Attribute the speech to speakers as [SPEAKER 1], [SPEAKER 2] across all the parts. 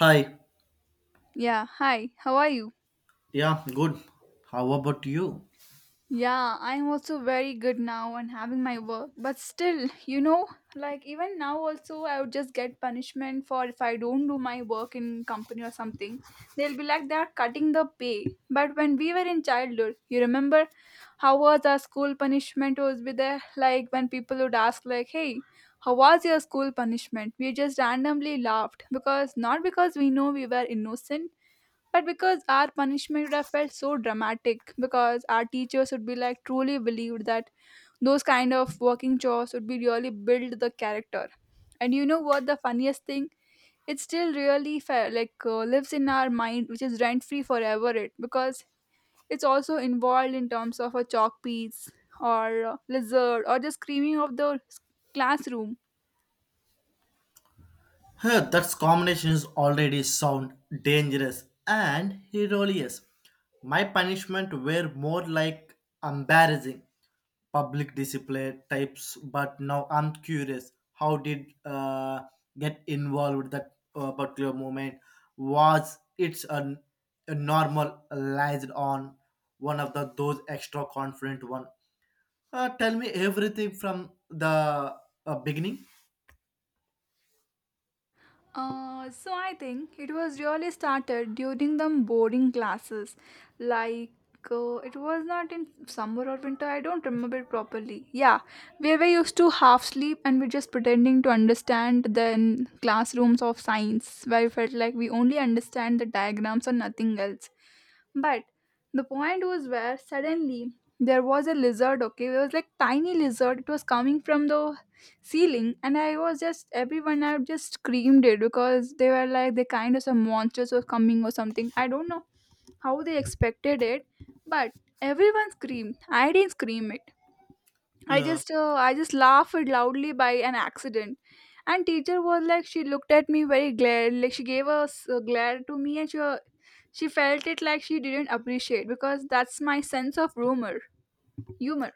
[SPEAKER 1] Hi.
[SPEAKER 2] Yeah, hi, how are you?
[SPEAKER 1] Yeah, good. How about you?
[SPEAKER 2] Yeah, I'm also very good now and having my work. But still, you know, like even now also I would just get punishment for if I don't do my work in company or something. They'll be like they are cutting the pay. But when we were in childhood, you remember how was our school punishment was with there? Like when people would ask like, hey, how was your school punishment? We just randomly laughed because not because we know we were innocent, but because our punishment would have felt so dramatic, because our teachers would be like truly believed that those kind of working chores would be really build the character. And you know what? The funniest thing, it still really lives in our mind, which is rent free forever. It because it's also involved in terms of a chalk piece or a lizard or the screaming of the classroom.
[SPEAKER 1] Huh, that combination is already sound dangerous and hilarious. My punishment were more like embarrassing public discipline types, but now I'm curious. How did get involved with that particular moment? Was it's a normalized on one of the those extra confident one? Tell me everything from the beginning.
[SPEAKER 2] So I think it was really started during the boarding classes. Like it was not in summer or winter. I don't remember it properly. Yeah, where we used to half sleep and we're just pretending to understand the classrooms of science, where we felt like we only understand the diagrams and nothing else. But the point was where suddenly there was a lizard, okay? It was like tiny lizard. It was coming from the ceiling and I was just everyone I just screamed it because they were like they kind of some monsters were coming or something. I don't know how they expected it, but everyone screamed. I didn't scream it.
[SPEAKER 1] Yeah,
[SPEAKER 2] I just laughed loudly by an accident, and teacher was like she looked at me very glare like she gave a a glare to me and she felt it like she didn't appreciate because that's my sense of rumor humor.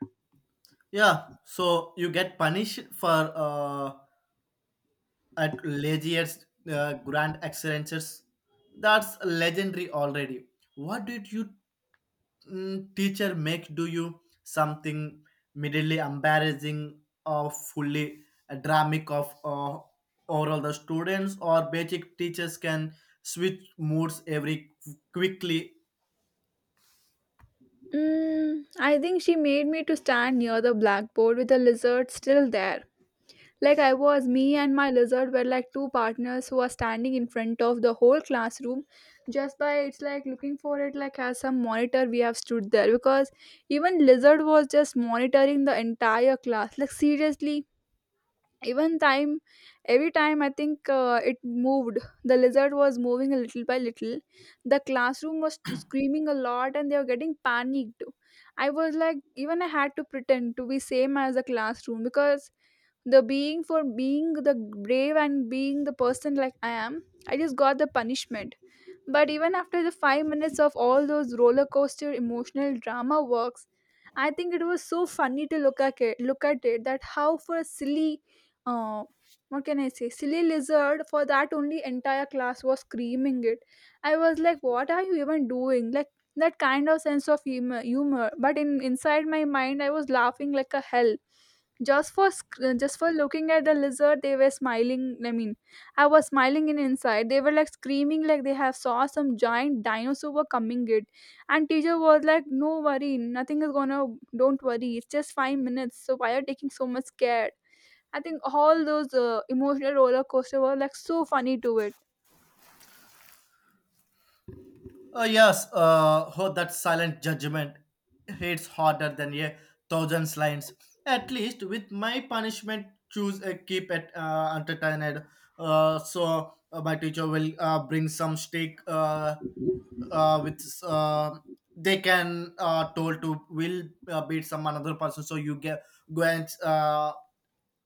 [SPEAKER 1] yeah. So you get punished for uh, at laziest grand excellences. That's legendary already. What did you teacher make do you something middly embarrassing or fully dramatic of overall the students or basic teachers can switch moods every quickly.
[SPEAKER 2] Mm, I think she made me to stand near the blackboard with the lizard still there. Like I was, me and my lizard were like two partners who are standing in front of the whole classroom just by it's like looking for it like as some monitor we have stood there because even lizard was just monitoring the entire class. Like seriously, even time every time I think it moved, the lizard was moving a little by little. The classroom was screaming a lot and they were getting panicked. I was like even I had to pretend to be same as the classroom because the being for being the brave and being the person like I am I just got the punishment, but even after the 5 minutes of all those roller coaster emotional drama works, I think it was so funny to look at it that how for a silly, uh, what can I say, silly lizard for that only entire class was screaming it. I was like, what are you even doing? Like that kind of sense of humor. But in inside my mind, I was laughing like a hell just for just for looking at the lizard they were smiling, I mean I was smiling in inside. They were like screaming like they have saw some giant dinosaur were coming it. And teacher was like, no worry, nothing is gonna don't worry, it's just 5 minutes. So why are you taking so much care? I think all those emotional roller coaster were like so funny to it.
[SPEAKER 1] Yes, oh, that silent judgment hits harder than a thousand lines. At least with my punishment, choose a keep it entertained. So my teacher will bring some steak with they can told to will beat some another person. So you get go and uh,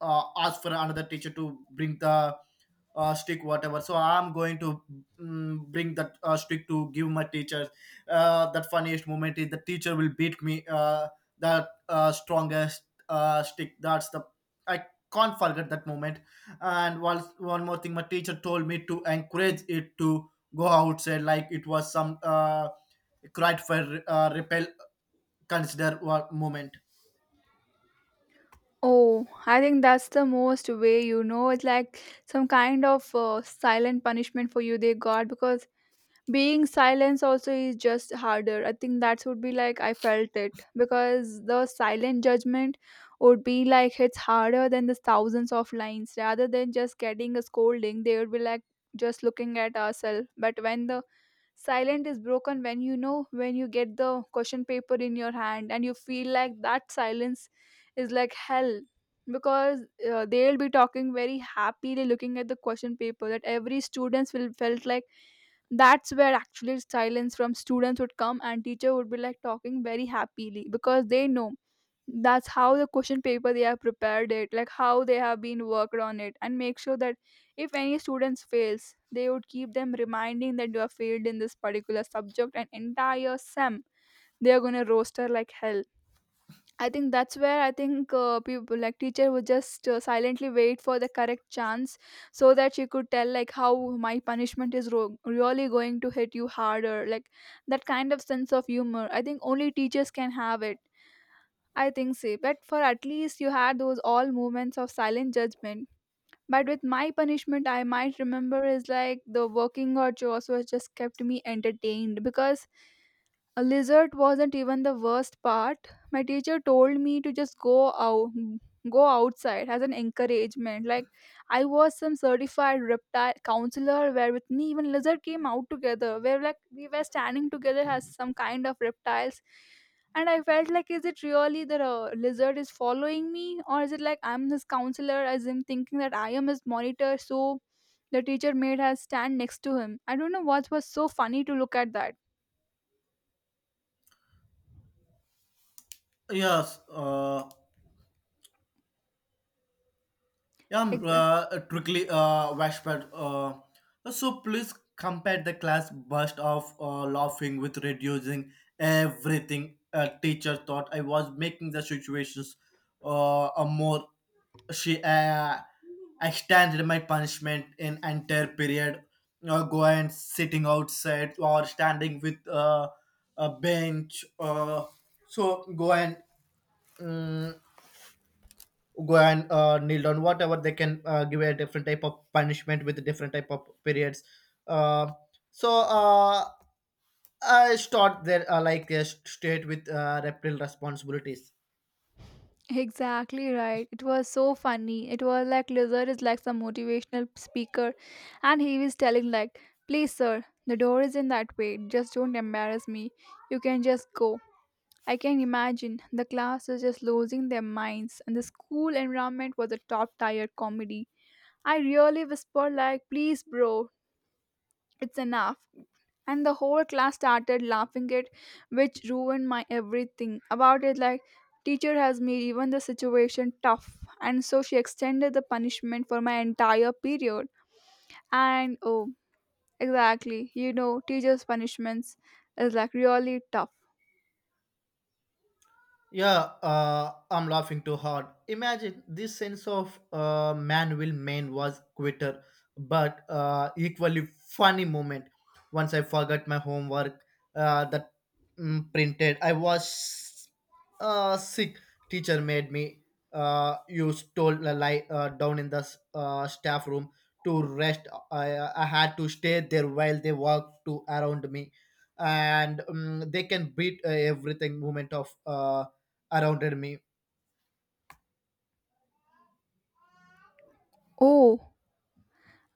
[SPEAKER 1] uh, ask for another teacher to bring the stick whatever so I'm going to bring that stick to give my teacher that funniest moment is the teacher will beat me that strongest stick that's the I can't forget that moment. And one more thing, my teacher told me to encourage it to go outside like it was some cried for repel consider moment.
[SPEAKER 2] Oh, I think that's the most way you know it's like some kind of silent punishment for you they got because being silence also is just harder. I think that would be like I felt it because the silent judgment would be like it's harder than the thousands of lines rather than just getting a scolding. They would be like just looking at ourselves, but when the silent is broken, when when you get the question paper in your hand and you feel like that silence is like hell, because they'll be talking very happily looking at the question paper that every students will felt like that's where actually silence from students would come and teacher would be like talking very happily because they know that's how the question paper they have prepared it, like how they have been worked on it and make sure that if any students fails they would keep them reminding that you have failed in this particular subject and entire sem they are going to roaster like hell. I think that's where I think people like teacher would just silently wait for the correct chance so that she could tell like how my punishment is really going to hit you harder. Like that kind of sense of humor I think only teachers can have it, I think so. But for at least you had those all moments of silent judgment, but with my punishment I might remember is like the working or chores was just kept me entertained, because a lizard wasn't even the worst part. My teacher told me to just go outside as an encouragement. Like I was some certified reptile counselor where with me even lizard came out together. Where like we were standing together as some kind of reptiles. And I felt like is it really that a lizard is following me or is it like I'm his counselor as him thinking that I am his monitor so the teacher made her stand next to him. I don't know what was so funny to look at that.
[SPEAKER 1] Yes, yeah, trickly Washpad. So please compare the class burst of laughing with reducing everything. A teacher thought I was making the situations a more. She extended my punishment in entire period. Go and sitting outside or standing with a bench. So go and. mm Go and kneel down whatever they can give a different type of punishment with different type of periods. uh, so uh, I start there like a state with reptile responsibilities.
[SPEAKER 2] Exactly right. It was so funny. It was like Lizard is like some motivational speaker, and he was telling like, "Please, sir, the door is in that way. Just don't embarrass me. You can just go." I can imagine the class was just losing their minds, and the school environment was a top-tier comedy. I really whispered like, "Please, bro, it's enough," and the whole class started laughing at which ruined my everything about it. Like teacher has made even the situation tough, and so she extended the punishment for my entire period. And oh, exactly, you know teachers punishments is like really tough.
[SPEAKER 1] Yeah, I'm laughing too hard. Imagine this sense of man will Man was quitter, but equally funny moment. Once I forgot my homework that printed, I was sick. Teacher made me you stole a lie down in the staff room to rest. I had to stay there while they walked to around me, and they can beat everything moment of. Around me.
[SPEAKER 2] Oh,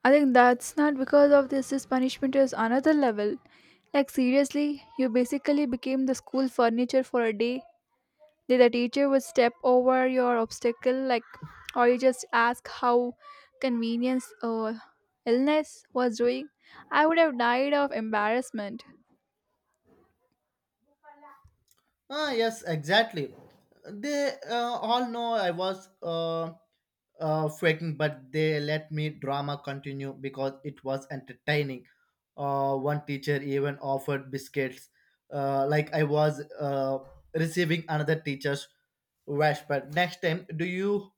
[SPEAKER 2] I think that's not because of this punishment is another level. Like seriously, you basically became the school furniture for a day. Did the teacher would step over your obstacle, like, or you just ask how convenience or illness was doing? I would have died of embarrassment.
[SPEAKER 1] Ah, yes, exactly. They all know I was faking, but they let me drama continue because it was entertaining. One teacher even offered biscuits, like I was receiving another teacher's respect. Next time, do you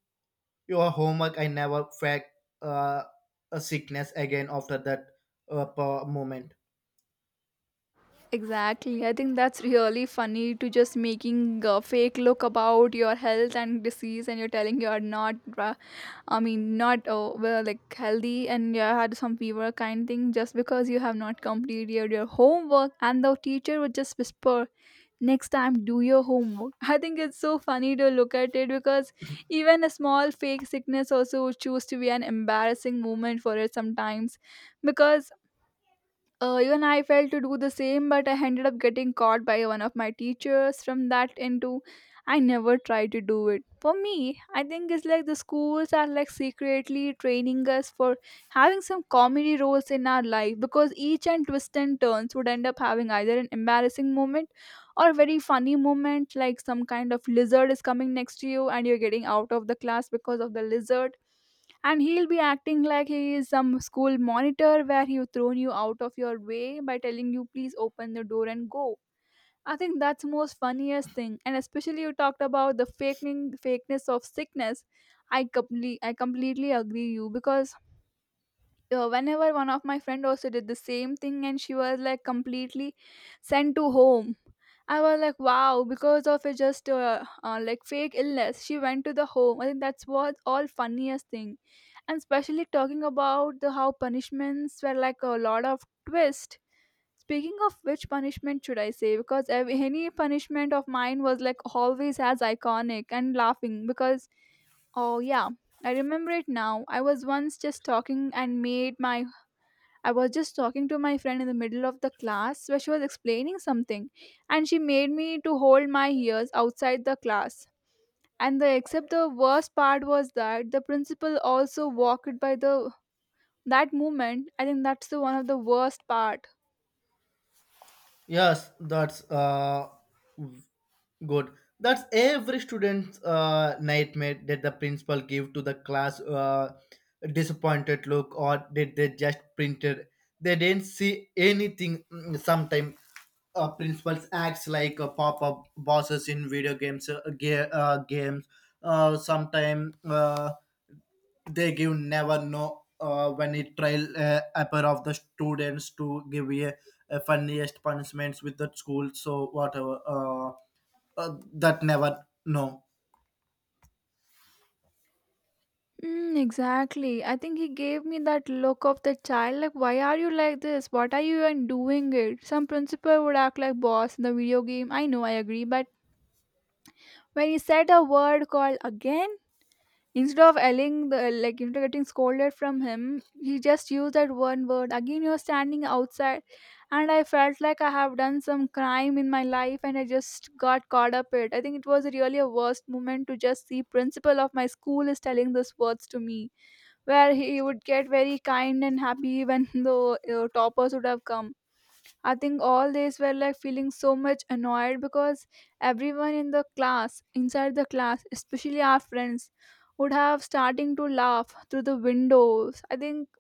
[SPEAKER 1] your homework? I never fake uh, a sickness again after that moment.
[SPEAKER 2] Exactly. I think that's really funny to just making a fake look about your health and disease, and you're telling you are not, I mean, not well, like healthy, and you had some fever kind thing just because you have not completed your homework, and the teacher would just whisper, "Next time, do your homework." I think it's so funny to look at it because even a small fake sickness also would choose to be an embarrassing moment for it sometimes, because even I failed to do the same, but I ended up getting caught by one of my teachers from that into I never tried to do it. For me, I think it's like the schools are like secretly training us for having some comedy roles in our life because each and twist and turns would end up having either an embarrassing moment or a very funny moment, like some kind of lizard is coming next to you and you're getting out of the class because of the lizard and he'll be acting like he is some school monitor where he will thrown you out of your way by telling you please open the door and go. I think that's most funniest thing. And especially you talked about the faking fakeness of sickness, I completely agree you, because whenever one of my friend also did the same thing and she was like completely sent to home. I was like wow, because of a just like fake illness she went to the home. I think that's what all funniest thing. And especially talking about the how punishments were like a lot of twist. Speaking of which punishment should I say? Because any punishment of mine was like always as iconic and laughing because oh yeah, I remember it now. I was once just talking and made my I was just talking to my friend in the middle of the class where she was explaining something and she made me to hold my ears outside the class. And the worst part was that the principal also walked by the that moment. I think that's the one of the worst part.
[SPEAKER 1] Yes, that's good. That's every student's nightmare. That the principal give to the class a disappointed look, or did they just printed they didn't see anything sometimes? Principals acts like pop-up bosses in video games, games, sometimes. They give never know when it trial upper of the students to give a funniest punishments with the school so whatever. That never no.
[SPEAKER 2] Mm, exactly. I think he gave me that look of the child, like, why are you like this? What are you even doing it? Some principal would act like boss in the video game. I know, I agree. But when he said a word called again, instead of yelling, the, like, you know, getting scolded from him, he just used that one word. Again, you're standing outside. And I felt like I have done some crime in my life and I just got caught up it. I think it was really a worst moment to just see principal of my school is telling those words to me, where he would get very kind and happy even though, you know, toppers would have come. I think all these were like feeling so much annoyed because everyone in the class, inside the class, especially our friends, would have starting to laugh through the windows. I think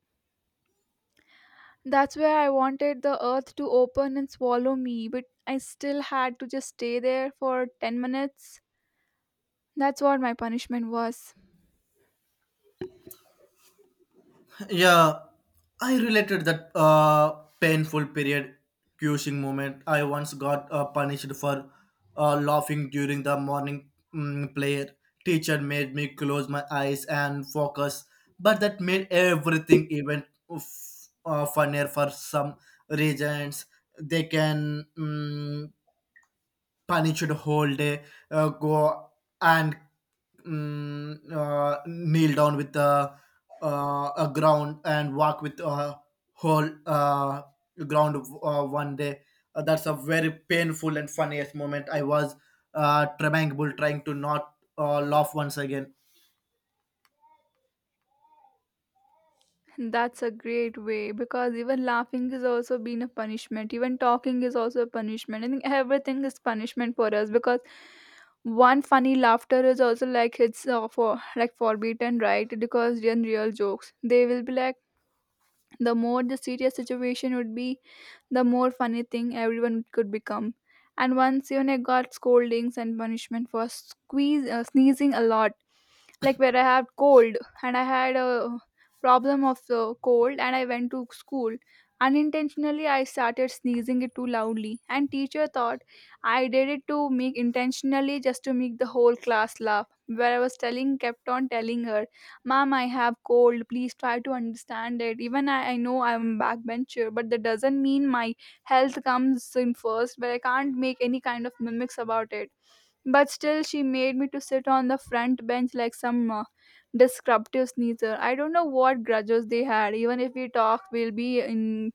[SPEAKER 2] that's where I wanted the earth to open and swallow me, but I still had to just stay there for 10 minutes. That's what my punishment was.
[SPEAKER 1] Yeah, I related that painful period cursing moment. I once got punished for laughing during the morning prayer. Teacher made me close my eyes and focus, but that made everything even funnier for some reasons. They can punished whole day. Go and kneel down with the a ground and walk with a whole ground one day. That's a very painful and funniest moment. I was tremble trying to not laugh once again.
[SPEAKER 2] That's a great way because even laughing is also being a punishment. Even talking is also a punishment. I think everything is punishment for us because one funny laughter is also like it's for like forbidden, right? Because in real jokes, they will be like the more the serious situation would be, the more funny thing everyone could become. And once even I got scoldings and punishment for sneezing a lot, like where I had cold and I had a problem of cold, and I went to school. Unintentionally, I started sneezing it too loudly, and teacher thought I did it to make intentionally just to make the whole class laugh. Where I was telling, kept on telling her, Ma'am, I have cold. Please try to understand it. Even I know I'm backbencher, but that doesn't mean my health comes in first, but I can't make any kind of mimics about it. But still, she made me to sit on the front bench like some disruptive sneezer. I don't know what grudges they had. Even if we talk, we'll be in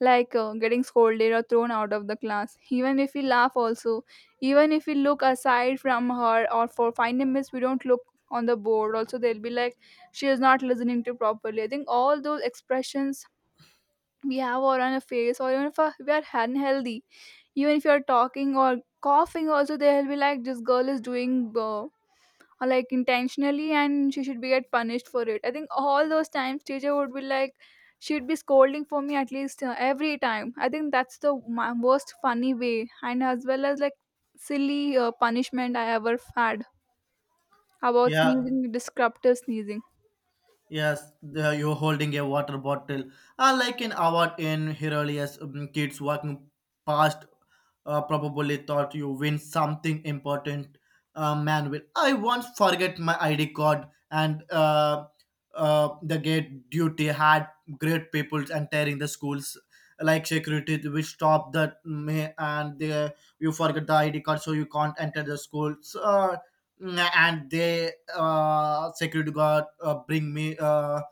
[SPEAKER 2] like getting scolded or thrown out of the class, even if we laugh also, even if we look aside from her, or for 5 minutes we don't look on the board also, they'll be like she is not listening to properly. I think all those expressions we have or on a face, or even if we are unhealthy, even if you're talking or coughing also, they'll be like this girl is doing like intentionally and she should be get punished for it. I think all those times teacher would be like, she'd be scolding for me at least every time. I think that's the my worst funny way and as well as like silly punishment I ever had about
[SPEAKER 1] Yeah.
[SPEAKER 2] sneezing, disruptive sneezing.
[SPEAKER 1] Yes, you're holding a water bottle, like an award in Herodias. Kids walking past probably thought you win something important. Man, will I once forget my ID card, and the gate duty had great people entering the schools, like security which stop that may. And they, you forget the ID card so you can't enter the schools. And they security guard bring me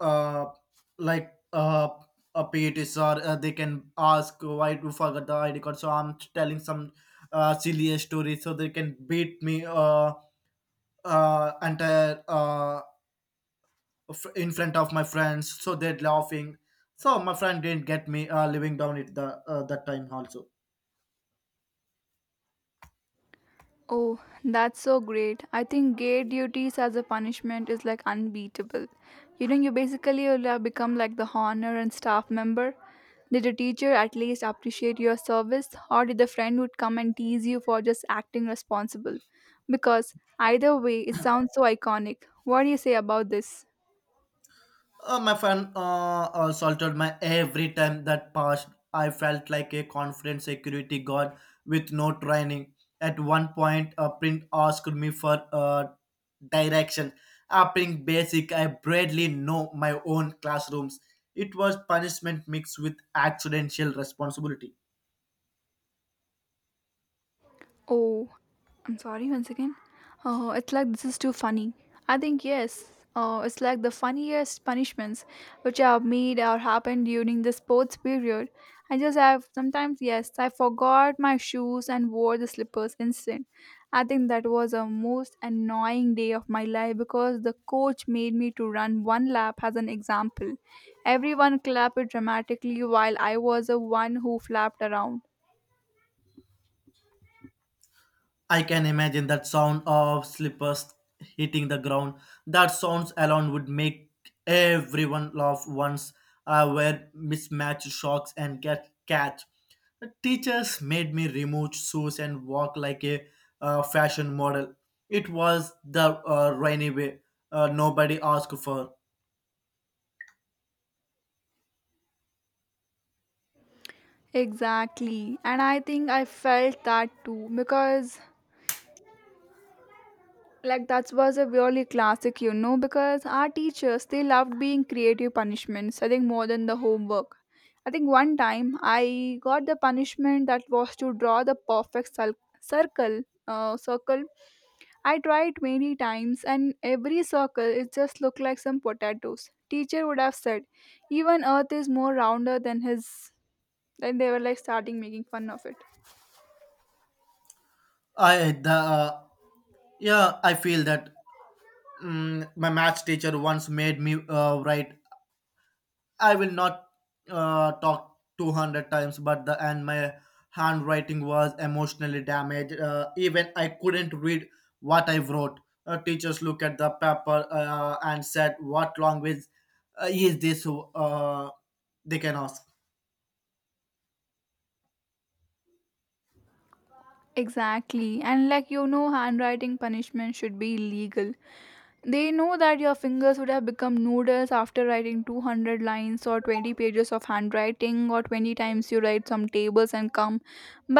[SPEAKER 1] uh like a PETs, or they can ask why you forgot the ID card. So I'm telling some silly story so they can beat me entire, in front of my friends. So they're laughing. So my friend didn't get me living down it the that time also.
[SPEAKER 2] Oh, that's so great. I think gay duties as a punishment is like unbeatable. You know, you basically will have become like the honor and staff member. Did a teacher at least appreciate your service, or did the friend would come and tease you for just acting responsible? Because either way, it sounds so iconic. What do you say about this?
[SPEAKER 1] My friend assaulted my every time that passed. I felt like a confident security guard with no training. At one point, a print asked me for direction. Applying basic, I barely know my own classrooms. It was punishment mixed with accidental responsibility.
[SPEAKER 2] Oh, I'm sorry once again. Oh, it's like this is too funny. I think yes. Oh, it's like the funniest punishments which I have made or happened during the sports period. I just have sometimes, yes, I forgot my shoes and wore the slippers instead. I think that was a most annoying day of my life because the coach made me to run one lap as an example. Everyone clapped dramatically while I was the one who flapped around.
[SPEAKER 1] I can imagine that sound of slippers hitting the ground. That sounds alone would make everyone laugh once. I wear mismatched socks and get catch. The teachers made me remove shoes and walk like a fashion model. It was the rainy way nobody asked for.
[SPEAKER 2] Exactly. And I think I felt that too because like that was a really classic, you know, because our teachers, they loved being creative punishments, I think more than the homework. I think one time I got the punishment that was to draw circle circle. I tried many times and every circle it just looked like some potatoes. Teacher would have said, even earth is more rounder than his, then they were like starting making fun of it.
[SPEAKER 1] I the Yeah, I feel that. My maths teacher once made me write I will not talk 200 times, but the and my handwriting was emotionally damaged. Even I couldn't read what I wrote. Teachers look at the paper and said, "What language is this?" They can ask.
[SPEAKER 2] Exactly. And, like, you know, handwriting punishment should be illegal. They know that your fingers would have become noodles after writing 200 lines or 20 pages of handwriting or 20 times you write some tables and come.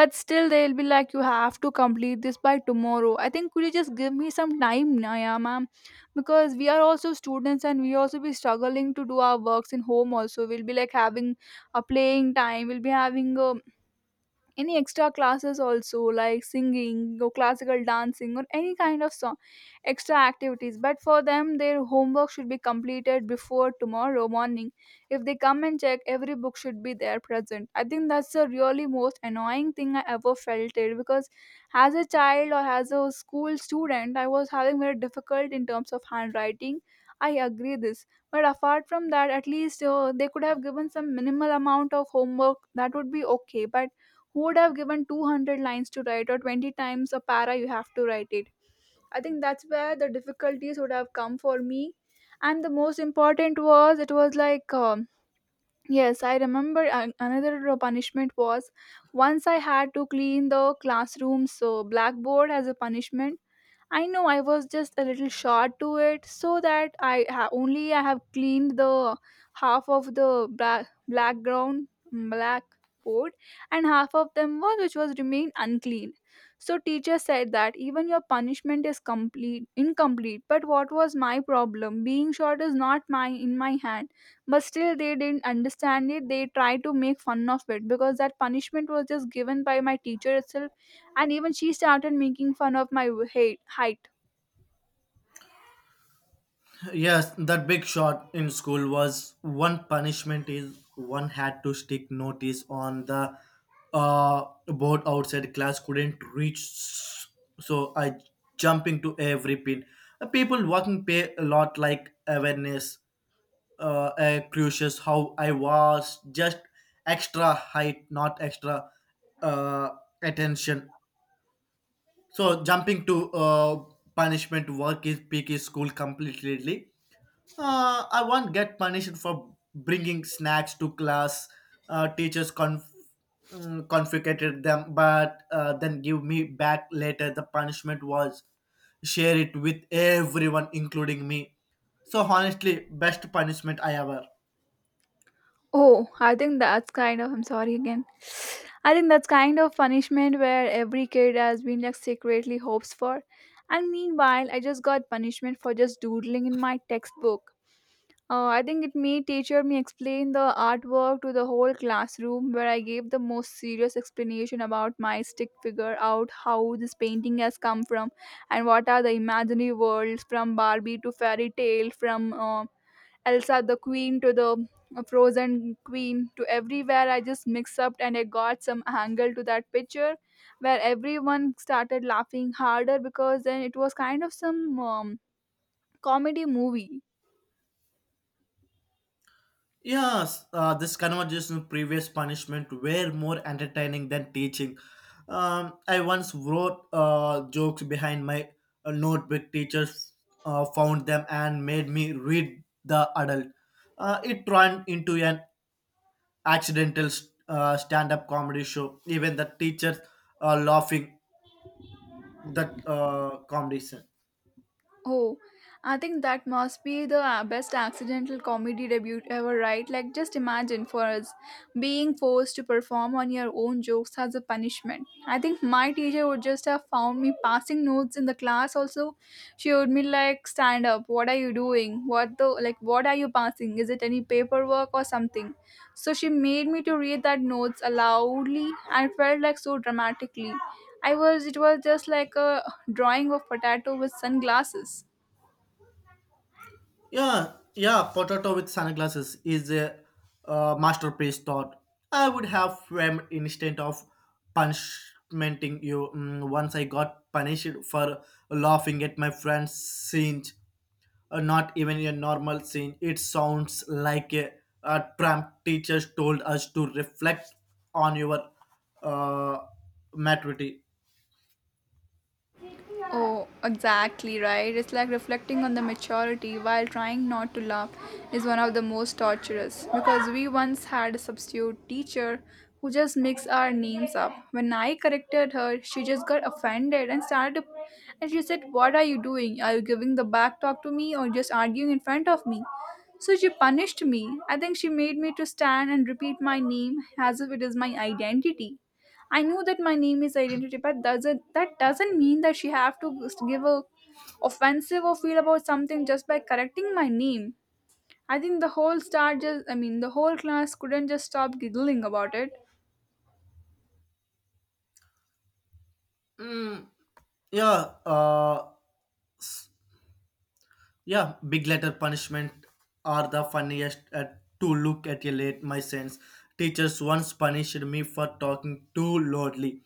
[SPEAKER 2] But still, they'll be like, you have to complete this by tomorrow. I think could you just give me some time, Naya, ma'am? Because we are also students and we also be struggling to do our works in home also. We'll be like having a playing time. We'll be having a any extra classes also like singing or classical dancing or any kind of song extra activities, but for them their homework should be completed before tomorrow morning. If they come and check, every book should be there present. I think that's the really most annoying thing I ever felt it, because as a child or as a school student, I was having very difficult in terms of handwriting. I agree this. But apart from that, at least they could have given some minimal amount of homework that would be okay, but who would have given 200 lines to write or 20 times a para you have to write it? I think that's where the difficulties would have come for me. And the most important was it was like yes, I remember another punishment was, once I had to clean the classroom so blackboard as a punishment. I know I was just a little short to it, so that only I have cleaned the half of the black background blackboard, and half of them was which was remained unclean. So teacher said that even your punishment is complete incomplete. But what was my problem? Being short is not my in my hand, but still they didn't understand it. They tried to make fun of it because that punishment was just given by my teacher itself, and even she started making fun of my height.
[SPEAKER 1] Yes, that big shot in school was one punishment, is one had to stick notice on the board outside class couldn't reach, so I jump into every pin. People walking pay a lot like awareness, crucius how I was just extra height, not extra uh, attention. So jumping to punishment work is peak is school completely. I won't get punished for bringing snacks to class. Teachers confiscated them, but then give me back later. The punishment was share it with everyone, including me. So honestly, best punishment I ever.
[SPEAKER 2] Oh, I think that's kind of, I'm sorry again, I think that's kind of punishment where every kid has been like secretly hopes for, and meanwhile I just got punishment for just doodling in my textbook. I think it me teacher me explain the artwork to the whole classroom where I gave the most serious explanation about my stick figure out how this painting has come from and what are the imaginary worlds from Barbie to fairy tale, from Elsa the queen to the frozen queen to everywhere I just mixed up and I got some angle to that picture, where everyone started laughing harder because then it was kind of some comedy movie.
[SPEAKER 1] Yes, this conversation previous punishment were more entertaining than teaching. I once wrote jokes behind my notebook. Teachers found them and made me read the adult. It turned into an accidental stand-up comedy show. Even the teachers are laughing that comedy scene.
[SPEAKER 2] Oh, I think that must be the best accidental comedy debut ever, right? Like, just imagine for us being forced to perform on your own jokes as a punishment. I think my teacher would just have found me passing notes in the class. Also, she would be like, "Stand up! What are you doing? What the like? What are you passing? Is it any paperwork or something?" So she made me to read that notes aloudly and felt like so dramatically. I was, it was just like a drawing of potato with sunglasses.
[SPEAKER 1] Yeah, yeah, Potato with Sunglasses is a masterpiece thought. I would have framed instead of punishmenting you. Once I got punished for laughing at my friend's scene. Not even a normal scene. It sounds like a tramp. Teacher told us to reflect on your uh, maturity.
[SPEAKER 2] Oh, exactly right. It's like reflecting on the maturity while trying not to laugh is one of the most torturous, because we once had a substitute teacher who just mixed our names up. When I corrected her, she just got offended and started to, and she said, "What are you doing? Are you giving the back talk to me or just arguing in front of me?" So she punished me. I think she made me to stand and repeat my name as if it is my identity. I know that my name is identity, but doesn't, that doesn't mean that she have to give a offensive or feel about something just by correcting my name. I think the whole star, just, I mean the whole class couldn't just stop giggling about it.
[SPEAKER 1] Mm, yeah, yeah, big letter punishment are the funniest at, to look at a late my sense. Teachers once punished me for talking too loudly.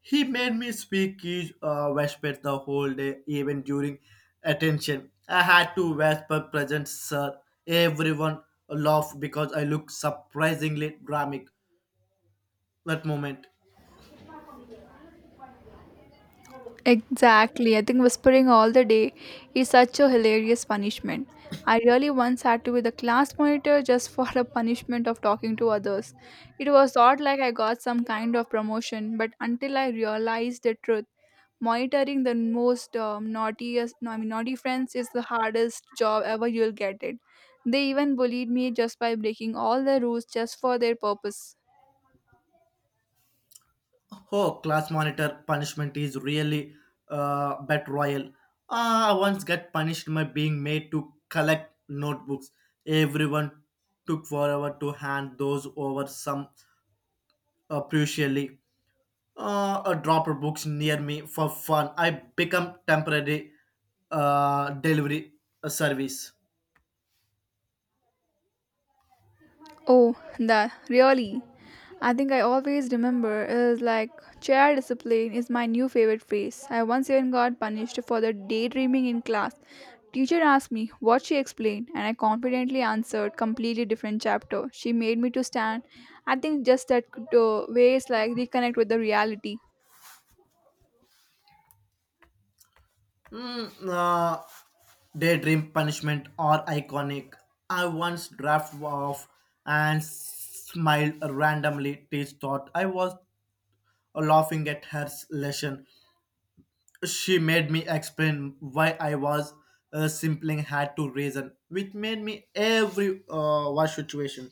[SPEAKER 1] He made me speak each whisper the whole day, even during attention. I had to whisper present, sir. Everyone laughed because I looked surprisingly dramatic that moment.
[SPEAKER 2] Exactly. I think whispering all the day is such a hilarious punishment. I really once had to be the class monitor just for the punishment of talking to others. It was thought like I got some kind of promotion, but until I realized the truth, monitoring the most naughtiest, no, I mean, naughty friends is the hardest job ever you'll get it. They even bullied me just by breaking all the rules just for their purpose.
[SPEAKER 1] Oh, class monitor punishment is really bat royal. Ah, I once got punished by being made to collect notebooks. Everyone took forever to hand those over, some crucially. A dropper books near me for fun. I become temporary delivery service.
[SPEAKER 2] Oh, that really. I think I always remember is like chair discipline is my new favorite phrase. I once even got punished for the daydreaming in class. Teacher asked me what she explained and I confidently answered completely different chapter. She made me to stand. I think just that could ways like reconnect with the reality.
[SPEAKER 1] Mm, uh, Daydream punishment are iconic. I once drafted off and smiled randomly. Teach thought I was laughing at her lesson. She made me explain why I was simply had to reason, which made me every one situation.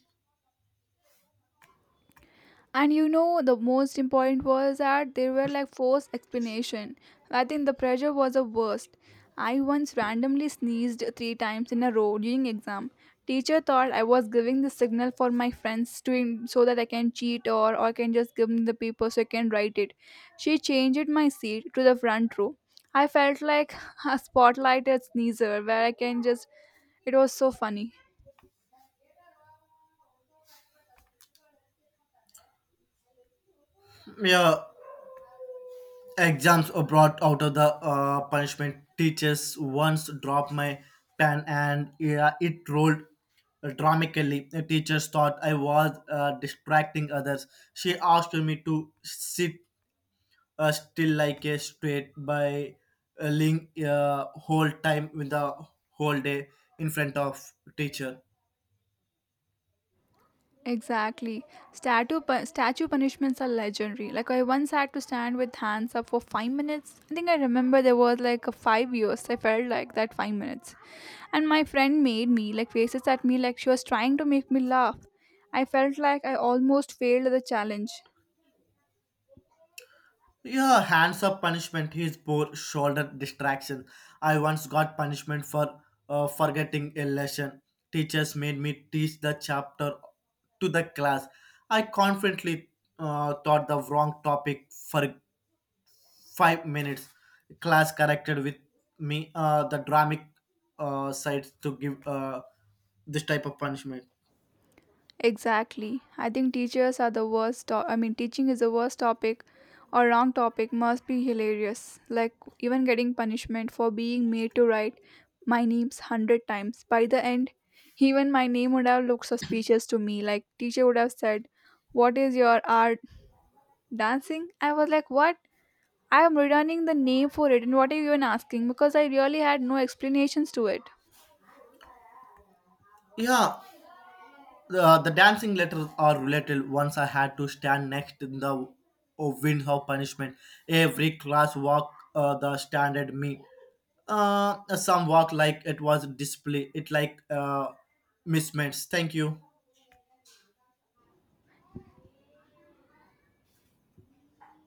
[SPEAKER 2] And you know the most important was that there were like forced explanation. I think the pressure was the worst. I once randomly sneezed 3 times in a row during exam. Teacher thought I was giving the signal for my friends to so that I can cheat, or can just give them the paper so I can write it. She changed my seat to the front row. I felt like a spotlighted sneezer where I can just, it was so funny.
[SPEAKER 1] Yeah, exams are brought out of the punishment. Teachers once dropped my pen and, yeah, it rolled dramatically. The teachers thought I was distracting others. She asked me to sit still like a straight by ling whole time with the whole day in front of teacher.
[SPEAKER 2] Exactly. Statue punishments are legendary. Like I once had to stand with hands up for 5 minutes. I think I remember there was like a 5 years. I felt like that 5 minutes, and my friend made me like faces at me like she was trying to make me laugh. I felt like I almost failed the challenge.
[SPEAKER 1] Yeah, hands up punishment is poor shoulder distraction. I once got punishment for forgetting a lesson. Teachers made me teach the chapter to the class. I confidently taught the wrong topic for 5 minutes. Class corrected with me the dramatic sides to give this type of punishment.
[SPEAKER 2] Exactly. I think teachers are the worst. I mean, teaching is the worst topic or wrong topic must be hilarious. Like, even getting punishment for being made to write my names 100 times. By the end, even my name would have looked suspicious to me. Like, teacher would have said, What is your art dancing? I was like, What? I am returning the name for it. And what are you even asking? Because I really had no explanations to it.
[SPEAKER 1] Yeah, the dancing letters are related. Once I had to stand next in the oh, wind of punishment. Every class walk the standard me. Some walk like it was display. It like mismatch. Thank you.